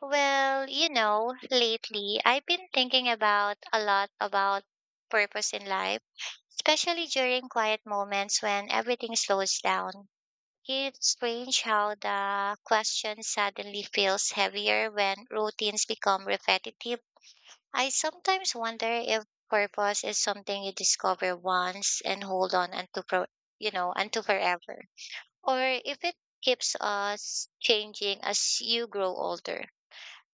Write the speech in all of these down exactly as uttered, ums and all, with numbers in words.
Well, you know, lately I've been thinking about a lot about purpose in life, especially during quiet moments when everything slows down. It's strange how the question suddenly feels heavier when routines become repetitive. I sometimes wonder if purpose is something you discover once and hold on unto for, you know, unto forever, or if it keeps us changing as you grow older.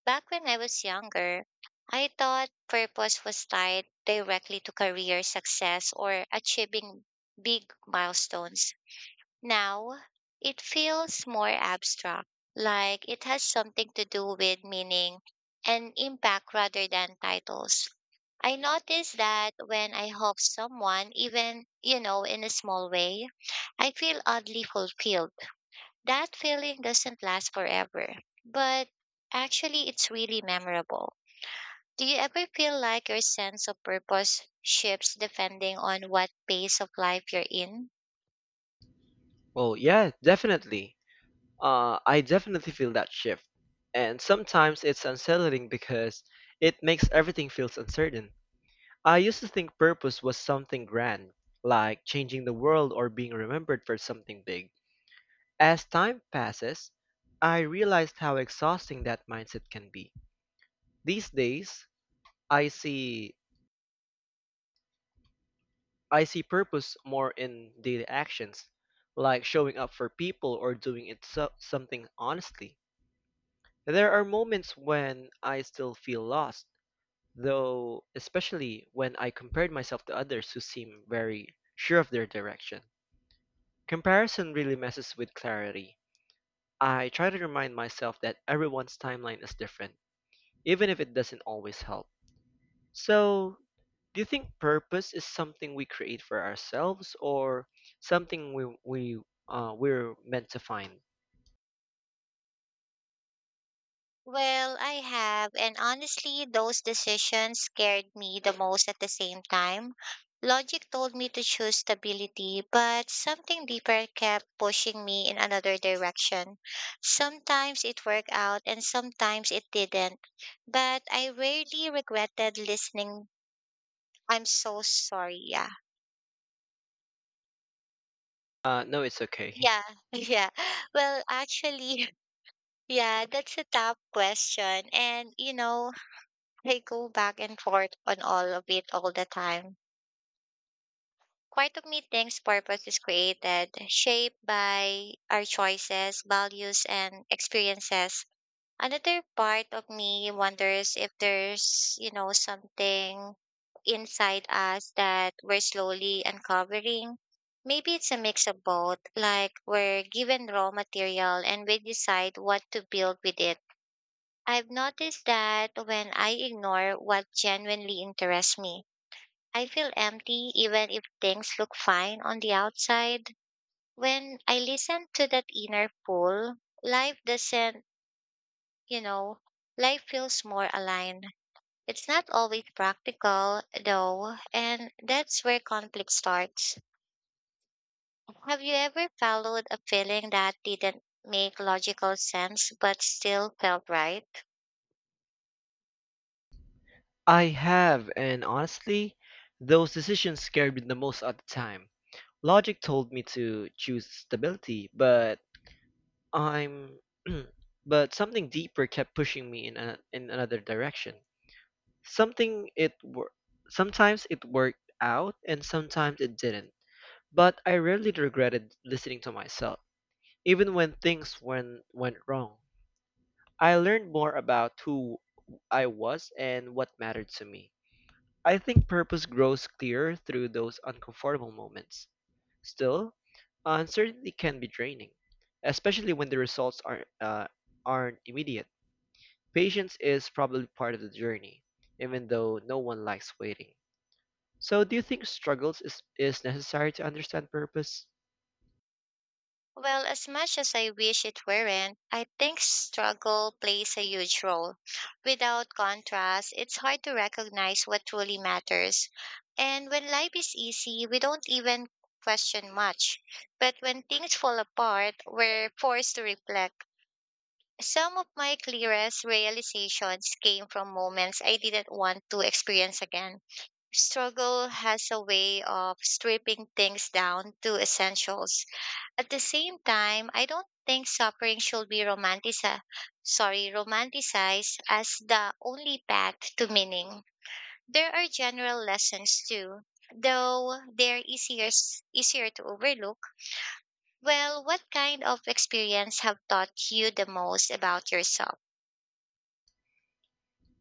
Back when I was younger, I thought purpose was tied directly to career success or achieving big milestones. Now, it feels more abstract, like it has something to do with meaning and impact rather than titles. I notice that when I help someone, even, you know, in a small way, I feel oddly fulfilled that feeling doesn't last forever, but actually it's really memorable. Do you ever feel like your sense of purpose shifts depending on what phase of life you're in? Well, yeah, definitely. Uh, I definitely feel that shift. And sometimes it's unsettling because it makes everything feels uncertain. I used to think purpose was something grand, like changing the world or being remembered for something big. As time passes, I realized how exhausting that mindset can be. These days, I see I see purpose more in daily actions, like showing up for people or doing it so- something honestly. There are moments when I still feel lost, though, especially when I compared myself to others who seem very sure of their direction. Comparison really messes with clarity. I try to remind myself that everyone's timeline is different, even if it doesn't always help. So, do you think purpose is something we create for ourselves or something we, we uh, we're meant to find? Well, I have, and honestly, those decisions scared me the most at the same time. Logic told me to choose stability, but something deeper kept pushing me in another direction. Sometimes it worked out and sometimes it didn't, but I rarely regretted listening. I'm so sorry. Yeah. Uh, no, it's okay. Yeah. Yeah. Well, actually, yeah, that's a tough question. And, you know, I go back and forth on all of it all the time. Quite of me thinks purpose is created, shaped by our choices, values, and experiences. Another part of me wonders if there's, you know, something inside us that we're slowly uncovering. Maybe it's a mix of both, like we're given raw material and we decide what to build with it. I've noticed that when I ignore what genuinely interests me, I feel empty even if things look fine on the outside. When I listen to that inner pull, life doesn't, you know, life feels more aligned. It's not always practical, though, and that's where conflict starts. Have you ever followed a feeling that didn't make logical sense but still felt right? I have, and honestly, those decisions scared me the most at the time. Logic told me to choose stability, but I'm but something deeper kept pushing me in a, in another direction. Something it wor- Sometimes it worked out and sometimes it didn't. But I rarely regretted listening to myself, even when things went went wrong. I learned more about who I was and what mattered to me. I think purpose grows clearer through those uncomfortable moments. Still, uncertainty can be draining, especially when the results aren't, uh, aren't immediate. Patience is probably part of the journey, even though no one likes waiting. So, do you think struggles is, is necessary to understand purpose? Well, as much as I wish it weren't, I think struggle plays a huge role. Without contrast, it's hard to recognize what truly matters. And when life is easy, we don't even question much. But when things fall apart, we're forced to reflect. Some of my clearest realizations came from moments I didn't want to experience again. Struggle has a way of stripping things down to essentials at the same time, I don't think suffering should be romanticized, sorry, romanticized as the only path to meaning. There are general lessons too, though they're easier easier to overlook. Well, what kind of experience have taught you the most about yourself?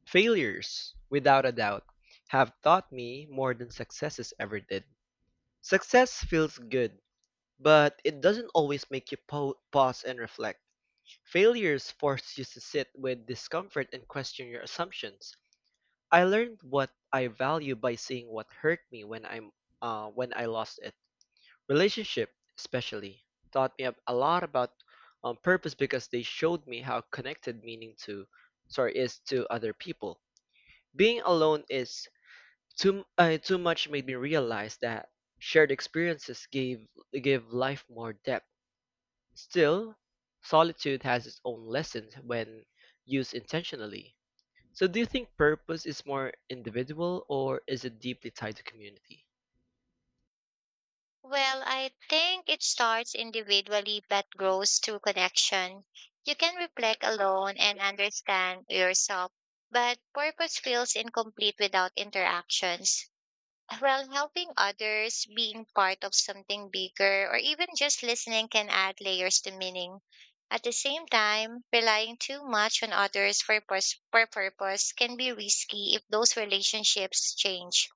Failures, without a doubt, have taught me more than successes ever did. Success feels good, but it doesn't always make you po- pause and reflect. Failures force you to sit with discomfort and question your assumptions. I learned what I value by seeing what hurt me when I'm uh, when I lost it. Relationship, especially, taught me a lot about um, purpose because they showed me how connected meaning to sorry is to other people. Being alone is too uh, too much made me realize that shared experiences gave give life more depth. Still, solitude has its own lessons when used intentionally. So, do you think purpose is more individual or is it deeply tied to community? Well, I think it starts individually but grows through connection. You can reflect alone and understand yourself, but purpose feels incomplete without interactions. Well, helping others, being part of something bigger, or even just listening can add layers to meaning. At the same time, relying too much on others for, purs- for purpose can be risky if those relationships change.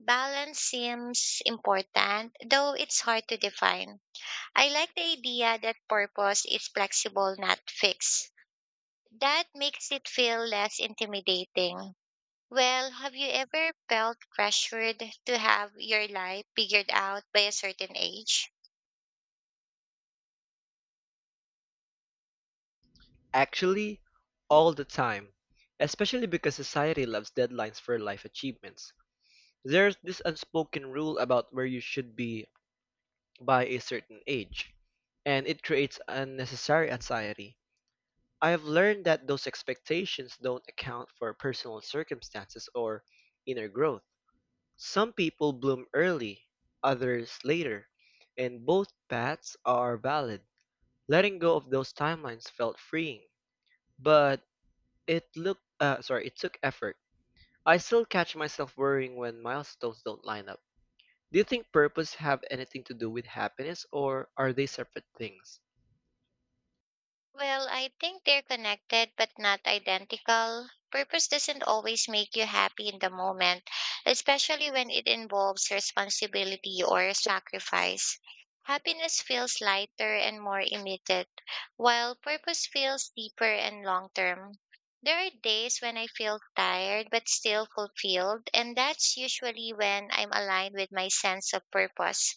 Balance seems important, though it's hard to define. I like the idea that purpose is flexible, not fixed. That makes it feel less intimidating. Well, have you ever felt pressured to have your life figured out by a certain age? Actually, all the time, especially because society loves deadlines for life achievements. There's this unspoken rule about where you should be by a certain age, and it creates unnecessary anxiety. I have learned that those expectations don't account for personal circumstances or inner growth. Some people bloom early, others later, and both paths are valid. Letting go of those timelines felt freeing, but it looked uh, sorry, it took effort. I still catch myself worrying when milestones don't line up. Do you think purpose have anything to do with happiness or are they separate things? Well, I think they're connected but not identical. Purpose doesn't always make you happy in the moment, especially when it involves responsibility or sacrifice. Happiness feels lighter and more immediate, while purpose feels deeper and long term. There are days when I feel tired but still fulfilled, and that's usually when I'm aligned with my sense of purpose.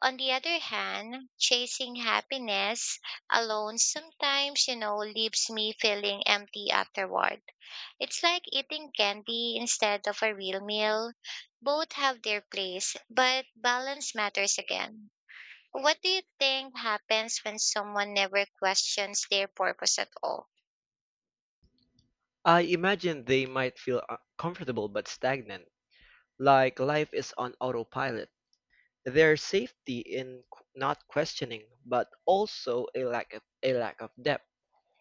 On the other hand, chasing happiness alone sometimes, you know, leaves me feeling empty afterward. It's like eating candy instead of a real meal. Both have their place, but balance matters again. What do you think happens when someone never questions their purpose at all? I imagine they might feel uh, comfortable but stagnant, like life is on autopilot. There's safety in q- not questioning, but also a lack of a lack of depth.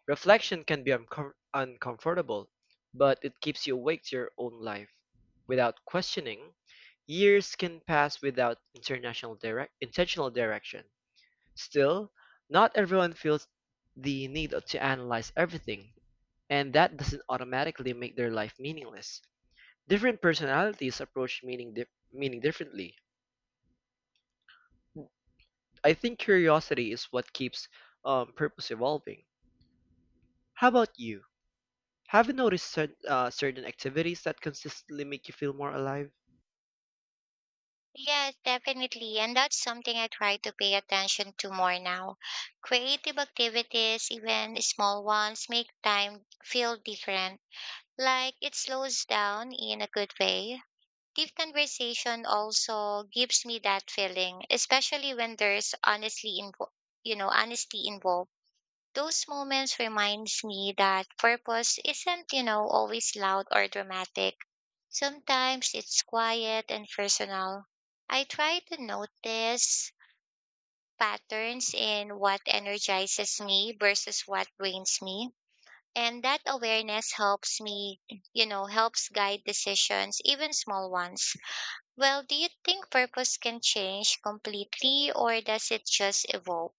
Reflection can be uncom- uncomfortable, but it keeps you awake to your own life. Without questioning, years can pass without international direct intentional direction. Still, not everyone feels the need to analyze everything, and that doesn't automatically make their life meaningless. Different personalities approach meaning dif- meaning differently. I think curiosity is what keeps um, purpose evolving. How about you? Have you noticed cer- uh, certain activities that consistently make you feel more alive? Yes, definitely. And that's something I try to pay attention to more now. Creative activities, even small ones, make time feel different. Like it slows down in a good way. Deep conversation also gives me that feeling, especially when there's honestly invo- you know, honesty involved. Those moments reminds me that purpose isn't, you know, always loud or dramatic. Sometimes it's quiet and personal. I try to notice patterns in what energizes me versus what drains me and that awareness helps me you know helps guide decisions even small ones. Well, do you think purpose can change completely or does it just evolve?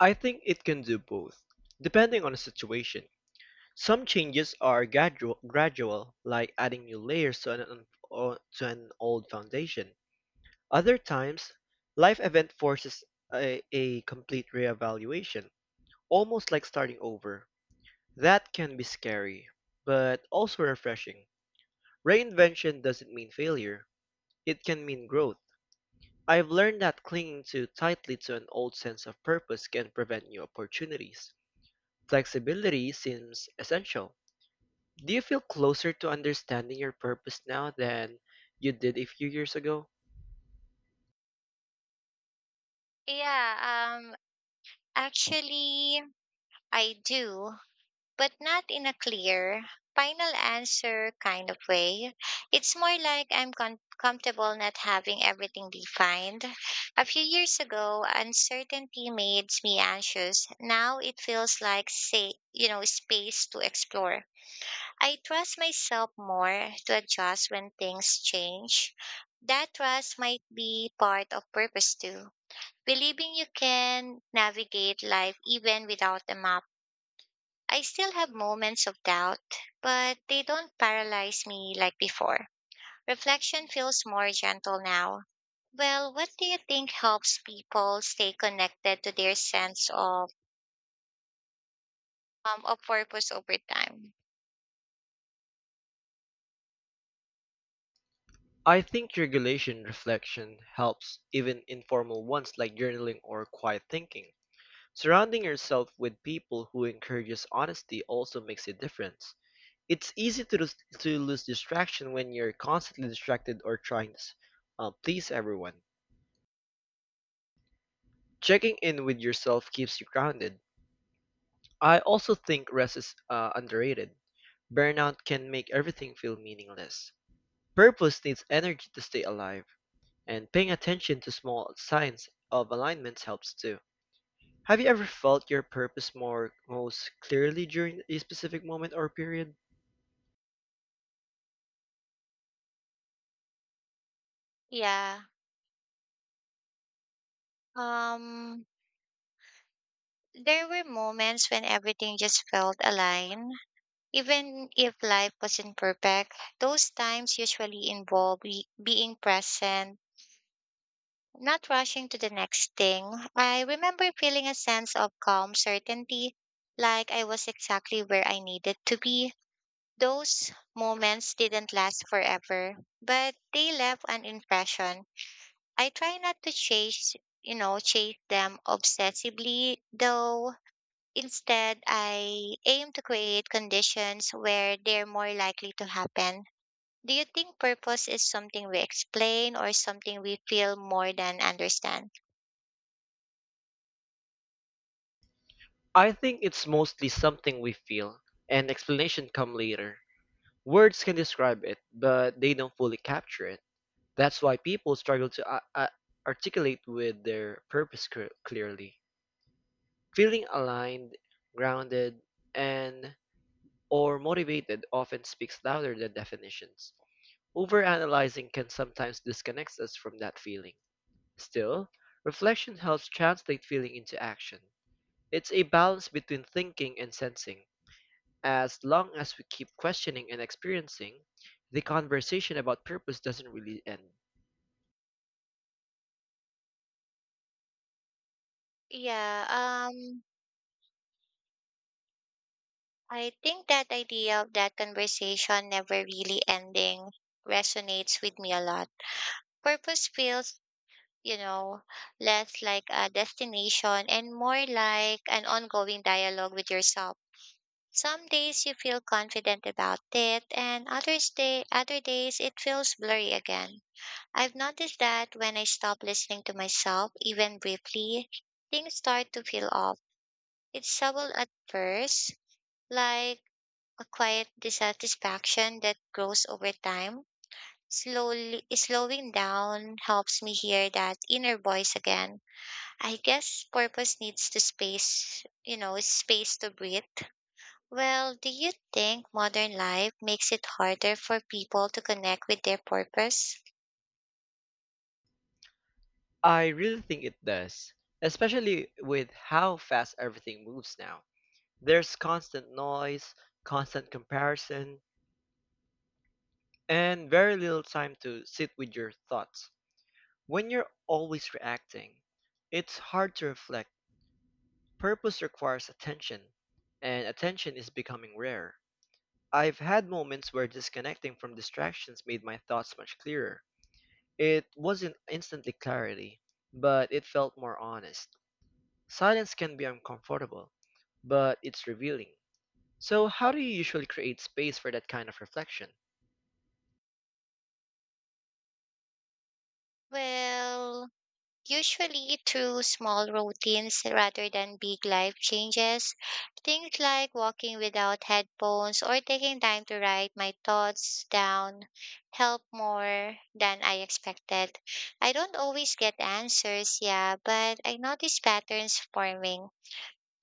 I think it can do both, depending on the situation. Some changes are gradual, gradual like adding new layers to an, un- o- to an old foundation. Other times, life event forces a, a complete reevaluation, almost like starting over. That can be scary, but also refreshing. Reinvention doesn't mean failure. It can mean growth. I've learned that clinging too tightly to an old sense of purpose can prevent new opportunities. Flexibility seems essential. Do you feel closer to understanding your purpose now than you did a few years ago? yeah um actually I do, but not in a clear, final answer kind of way. It's more like I'm con- comfortable not having everything defined. A few years ago, uncertainty made me anxious. Now it feels like, say, you know, space to explore. I trust myself more to adjust when things change. That trust might be part of purpose too. Believing you can navigate life even without a map. I still have moments of doubt, but they don't paralyze me like before. Reflection feels more gentle now. Well, what do you think helps people stay connected to their sense of um of purpose over time? I think regulation reflection helps, even informal ones like journaling or quiet thinking. Surrounding yourself with people who encourages honesty also makes a difference. It's easy to lose, to lose distraction when you're constantly distracted or trying to s- uh, please everyone. Checking in with yourself keeps you grounded. I also think rest is uh, underrated. Burnout can make everything feel meaningless. Purpose needs energy to stay alive, and paying attention to small signs of alignments helps too. Have you ever felt your purpose more most clearly during a specific moment or period? Yeah. Um there were moments when everything just felt aligned. Even if life wasn't perfect, those times usually involve be- being present. Not rushing to the next thing, I remember feeling a sense of calm certainty, like I was exactly where I needed to be. Those moments didn't last forever, but they left an impression. I try not to chase, you know, chase them obsessively, though instead I aim to create conditions where they're more likely to happen. Do you think purpose is something we explain or something we feel more than understand? I think it's mostly something we feel, and explanation come later. Words can describe it, but they don't fully capture it. That's why people struggle to a- a- articulate with their purpose cre- clearly. Feeling aligned, grounded, and or motivated often speaks louder than definitions. Overanalyzing can sometimes disconnect us from that feeling. Still, reflection helps translate feeling into action. It's a balance between thinking and sensing. As long as we keep questioning and experiencing, the conversation about purpose doesn't really end. Yeah, um, I think that idea of that conversation never really ending resonates with me a lot. Purpose feels, you know, less like a destination and more like an ongoing dialogue with yourself. Some days you feel confident about it, and others day, other days it feels blurry again. I've noticed that when I stop listening to myself, even briefly, things start to feel off. It's subtle at first, like a quiet dissatisfaction that grows over time. Slowly Slowing down helps me hear that inner voice again. I guess purpose needs to space, you know, space to breathe. Well, do you think modern life makes it harder for people to connect with their purpose? I really think it does, especially with how fast everything moves now. There's constant noise, constant comparison, and very little time to sit with your thoughts. When you're always reacting, it's hard to reflect. Purpose requires attention, and attention is becoming rare. I've had moments where disconnecting from distractions made my thoughts much clearer. It wasn't instantly clarity, but it felt more honest. Silence can be uncomfortable, but it's revealing. So, how do you usually create space for that kind of reflection? Well, usually through small routines rather than big life changes. Things like walking without headphones or taking time to write my thoughts down help more than I expected. I don't always get answers, yeah, but I notice patterns forming.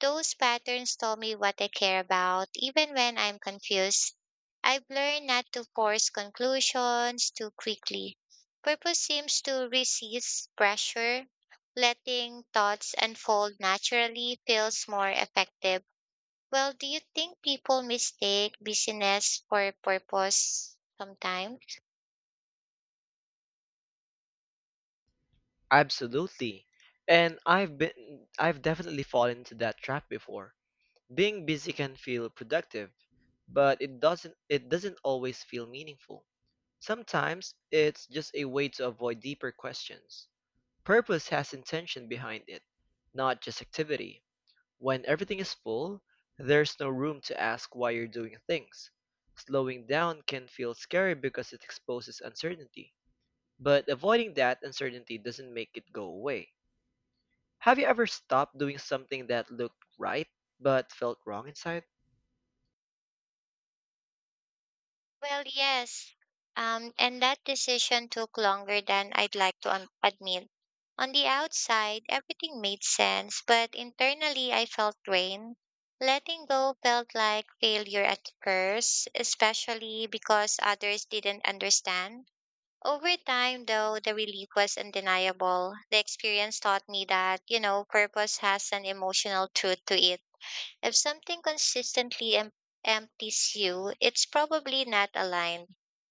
Those patterns tell me what I care about, even when I'm confused. I've learned not to force conclusions too quickly. Purpose seems to resist pressure. Letting thoughts unfold naturally feels more effective. Well, do you think people mistake busyness for purpose sometimes? Absolutely. And I've been I've definitely fallen into that trap before. Being busy can feel productive, but it doesn't it doesn't always feel meaningful. Sometimes it's just a way to avoid deeper questions. Purpose has intention behind it, not just activity. When everything is full, there's no room to ask why you're doing things. Slowing down can feel scary because it exposes uncertainty. But avoiding that uncertainty doesn't make it go away. Have you ever stopped doing something that looked right but felt wrong inside? Well, yes. Um, and that decision took longer than I'd like to un- admit. On the outside, everything made sense, but internally I felt drained. Letting go felt like failure at first, especially because others didn't understand. Over time, though, the relief was undeniable. The experience taught me that, you know, purpose has an emotional truth to it. If something consistently em- empties you, it's probably not aligned.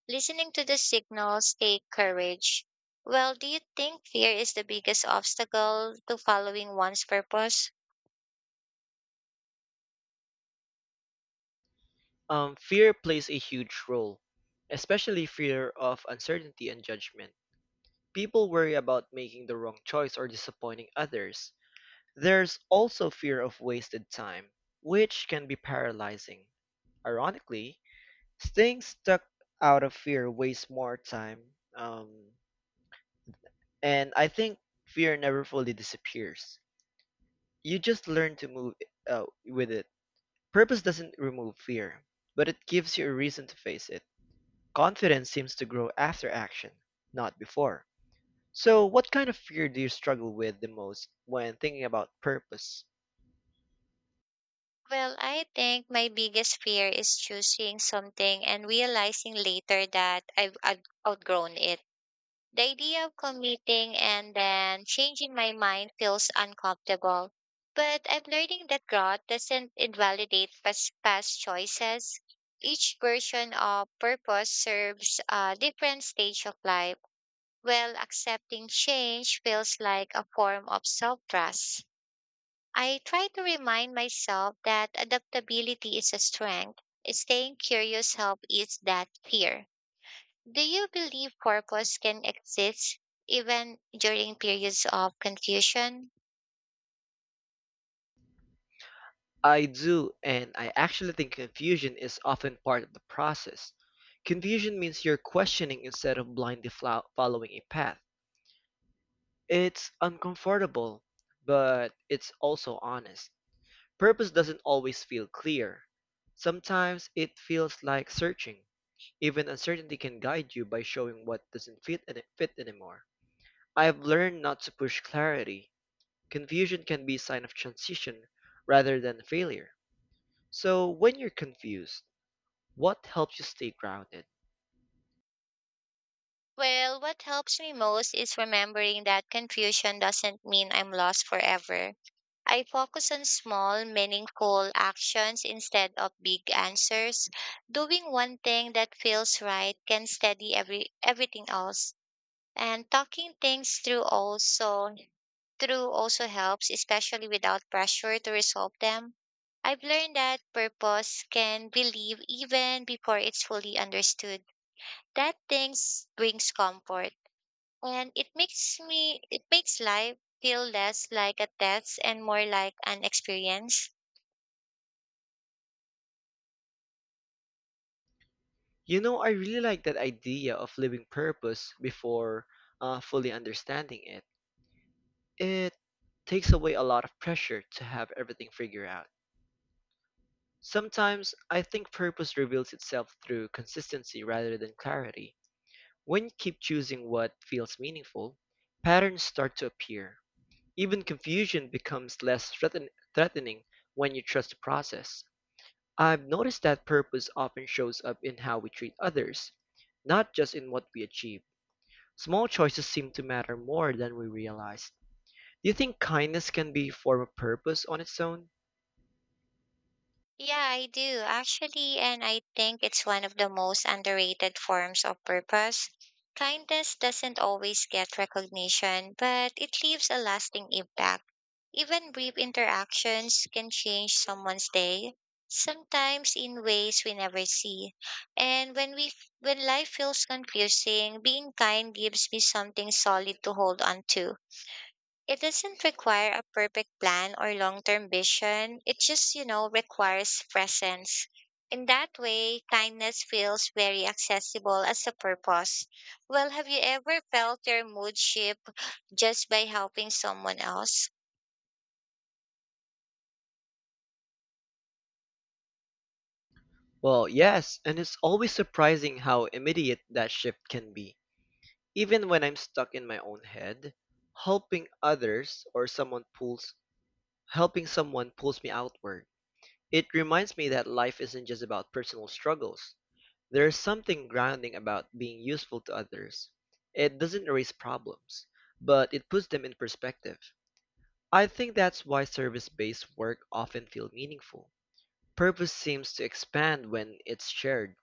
Listening to the signals take courage. Well, do you think fear is the biggest obstacle to following one's purpose? Um, fear plays a huge role, especially fear of uncertainty and judgment. People worry about making the wrong choice or disappointing others. There's also fear of wasted time, which can be paralyzing. Ironically, staying stuck out of fear wastes more time. Um, and I think fear never fully disappears. You just learn to move uh, with it. Purpose doesn't remove fear, but it gives you a reason to face it. Confidence seems to grow after action, not before. So, what kind of fear do you struggle with the most when thinking about purpose? Well, I think my biggest fear is choosing something and realizing later that I've out- outgrown it. The idea of committing and then changing my mind feels uncomfortable. But I'm learning that growth doesn't invalidate past, past choices. Each version of purpose serves a different stage of life, while accepting change feels like a form of self trust. I try to remind myself that adaptability is a strength. Staying curious helps ease that fear. Do you believe purpose can exist even during periods of confusion? I do, and I actually think confusion is often part of the process. Confusion means you're questioning instead of blindly flo- following a path. It's uncomfortable, but it's also honest. Purpose doesn't always feel clear. Sometimes it feels like searching. Even uncertainty can guide you by showing what doesn't fit and fit anymore. I've learned not to push clarity. Confusion can be a sign of transition rather than failure. So when you're confused, what helps you stay grounded? Well, what helps me most is remembering that confusion doesn't mean I'm lost forever. I focus on small, meaningful actions instead of big answers. Doing one thing that feels right can steady every everything else. And talking things through also through also helps, especially without pressure to resolve them. I've learned that purpose can be lived even before it's fully understood. That things brings comfort and it makes me it makes life feel less like a test and more like an experience. You know, I really like that idea of living purpose before uh, fully understanding it. It takes away a lot of pressure to have everything figured out. Sometimes I think purpose reveals itself through consistency rather than clarity. When you keep choosing what feels meaningful, patterns start to appear. Even confusion becomes less threaten- threatening when you trust the process. I've noticed that purpose often shows up in how we treat others, not just in what we achieve. Small choices seem to matter more than we realize. Do you think kindness can be a form of purpose on its own? Yeah, I do actually, and I think it's one of the most underrated forms of purpose. Kindness doesn't always get recognition, but it leaves a lasting impact. Even brief interactions can change someone's day, sometimes in ways we never see. And when we when life feels confusing, being kind gives me something solid to hold on to. It doesn't require a perfect plan or long term vision. It just, you know, requires presence. In that way, kindness feels very accessible as a purpose. Well, have you ever felt your mood shift just by helping someone else? Well, yes, and it's always surprising how immediate that shift can be. Even when I'm stuck in my own head, helping others or someone pulls helping someone pulls me outward. It reminds me that life isn't just about personal struggles. There is something grounding about being useful to others. It doesn't erase problems, but it puts them in perspective. I think that's why service based work often feels meaningful. Purpose seems to expand when it's shared.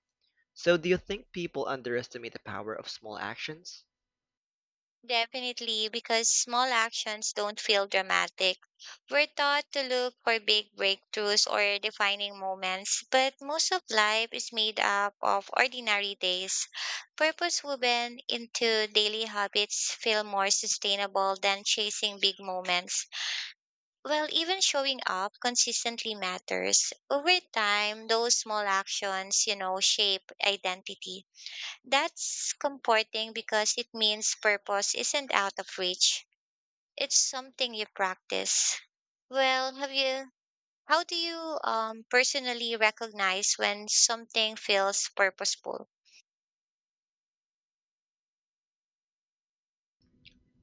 So, do you think people underestimate the power of small actions? Definitely, because small actions don't feel dramatic. We're taught to look for big breakthroughs or defining moments, but most of life is made up of ordinary days. Purpose woven into daily habits feel more sustainable than chasing big moments. Well, even showing up consistently matters. Over time, those small actions, you know, shape identity. That's comforting because it means purpose isn't out of reach. It's something you practice. Well, have you how do you um personally recognize when something feels purposeful?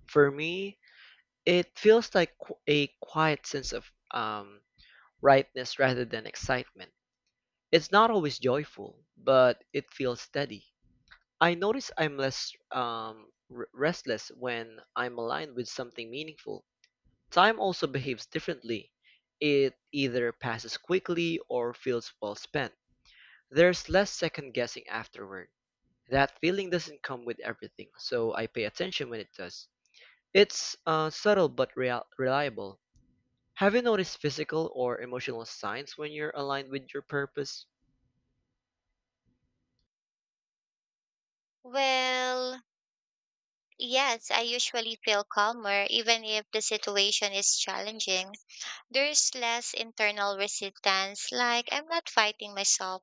For me, it feels like qu- a quiet sense of um, rightness rather than excitement. It's not always joyful, but it feels steady. I notice I'm less um, r- restless when I'm aligned with something meaningful. Time also behaves differently. It either passes quickly or feels well spent. There's less second guessing afterward. That feeling doesn't come with everything, so I pay attention when it does. It's uh, subtle but real- reliable. Have you noticed physical or emotional signs when you're aligned with your purpose? Well, yes, I usually feel calmer even if the situation is challenging. There's less internal resistance like I'm not fighting myself.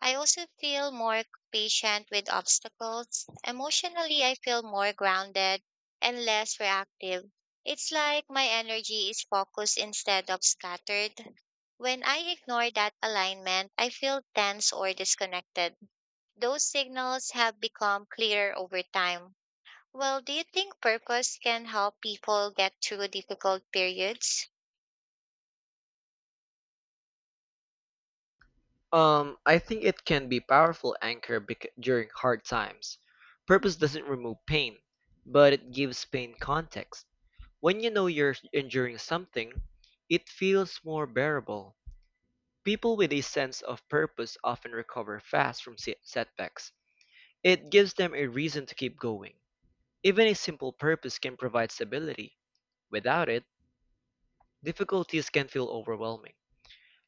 I also feel more patient with obstacles. Emotionally, I feel more grounded and less reactive. It's like my energy is focused instead of scattered. When I ignore that alignment, I feel tense or disconnected. Those signals have become clearer over time. Well, do you think purpose can help people get through difficult periods? Um, I think it can be powerful anchor bec- during hard times. Purpose doesn't remove pain, but it gives pain context. When you know you're enduring something, it feels more bearable. People with a sense of purpose often recover fast from se- setbacks. It gives them a reason to keep going. Even a simple purpose can provide stability. Without it, difficulties can feel overwhelming.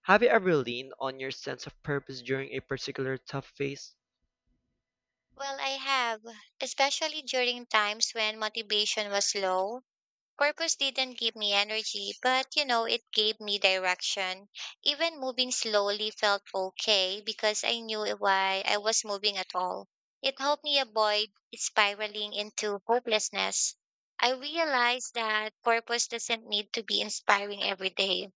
Have you ever leaned on your sense of purpose during a particular tough phase? Well, I have, especially during times when motivation was low. Purpose didn't give me energy, but you know, it gave me direction. Even moving slowly felt okay because I knew why I was moving at all. It helped me avoid spiraling into hopelessness. I realized that purpose doesn't need to be inspiring every day.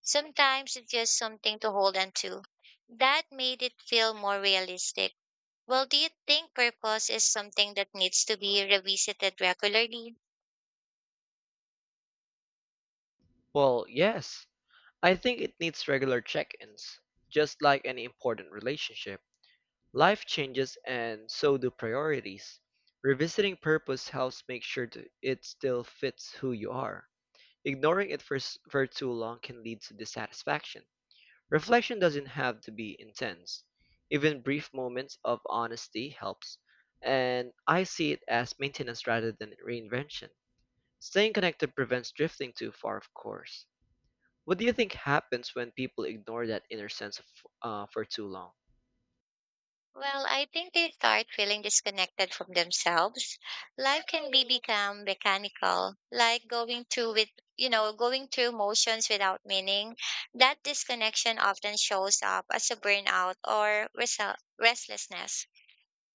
Sometimes it's just something to hold on to. That made it feel more realistic. Well, do you think purpose is something that needs to be revisited regularly? Well, yes, I think it needs regular check ins. Just like any important relationship, life changes and so do priorities. Revisiting purpose helps make sure that it still fits who you are. Ignoring it for, s- for too long can lead to dissatisfaction. Reflection doesn't have to be intense. Even brief moments of honesty helps, and I see it as maintenance rather than reinvention. Staying connected prevents drifting too far, of course. What do you think happens when people ignore that inner sense of, uh, for too long? Well, I think they start feeling disconnected from themselves. Life can be become mechanical, like going through with, you know, going through motions without meaning. That disconnection often shows up as a burnout or resel- restlessness.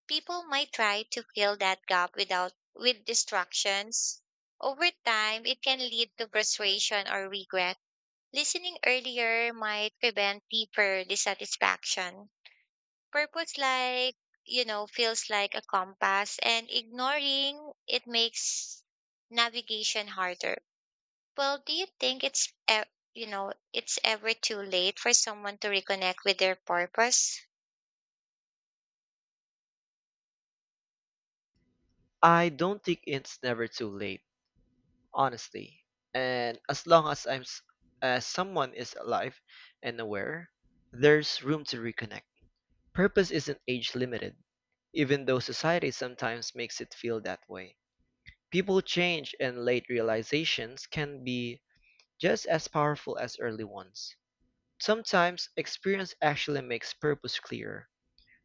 People might try to fill that gap without with distractions. Over time, it can lead to frustration or regret. Listening earlier might prevent deeper dissatisfaction. Purpose like, you know, feels like a compass and ignoring it makes navigation harder. Well, do you think it's e- you know, it's ever too late for someone to reconnect with their purpose? I don't think it's never too late, honestly. And as long as I'm s- as someone is alive and aware, there's room to reconnect. Purpose isn't age limited, even though society sometimes makes it feel that way. People change and late realizations can be just as powerful as early ones. Sometimes experience actually makes purpose clearer.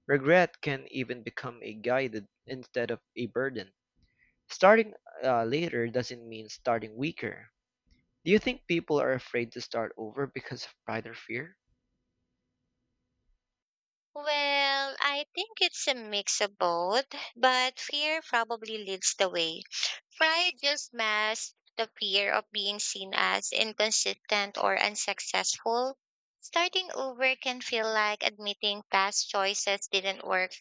Regret can even become a guide instead of a burden. Starting uh, later doesn't mean starting weaker. Do you think people are afraid to start over because of pride or fear? Well, I think it's a mix of both, but fear probably leads the way. Pride just masks the fear of being seen as inconsistent or unsuccessful. Starting over can feel like admitting past choices didn't work,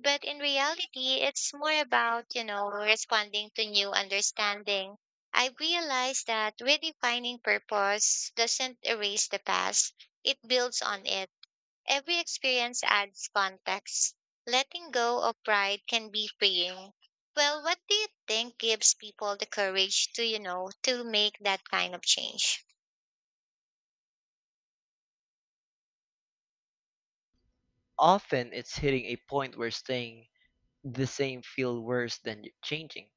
but in reality, it's more about, you know, responding to new understanding. I realized that redefining purpose doesn't erase the past, it builds on it. Every experience adds context. Letting go of pride can be freeing. Well, what do you think gives people the courage to, you know, to make that kind of change? Often it's hitting a point where staying the same feels worse than changing.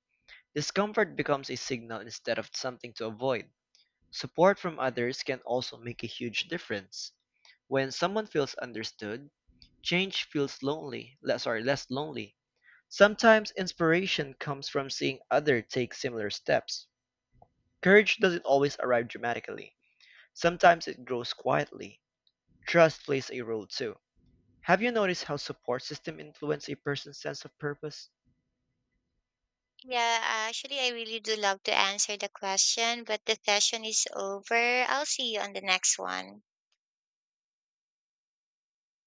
Discomfort becomes a signal instead of something to avoid. Support from others can also make a huge difference. When someone feels understood, change feels lonely, le- sorry, less lonely. Sometimes inspiration comes from seeing others take similar steps. Courage doesn't always arrive dramatically. Sometimes it grows quietly. Trust plays a role too. Have you noticed how support system influence a person's sense of purpose? Yeah, actually, I really do love to answer the question, but the session is over. I'll see you on the next one.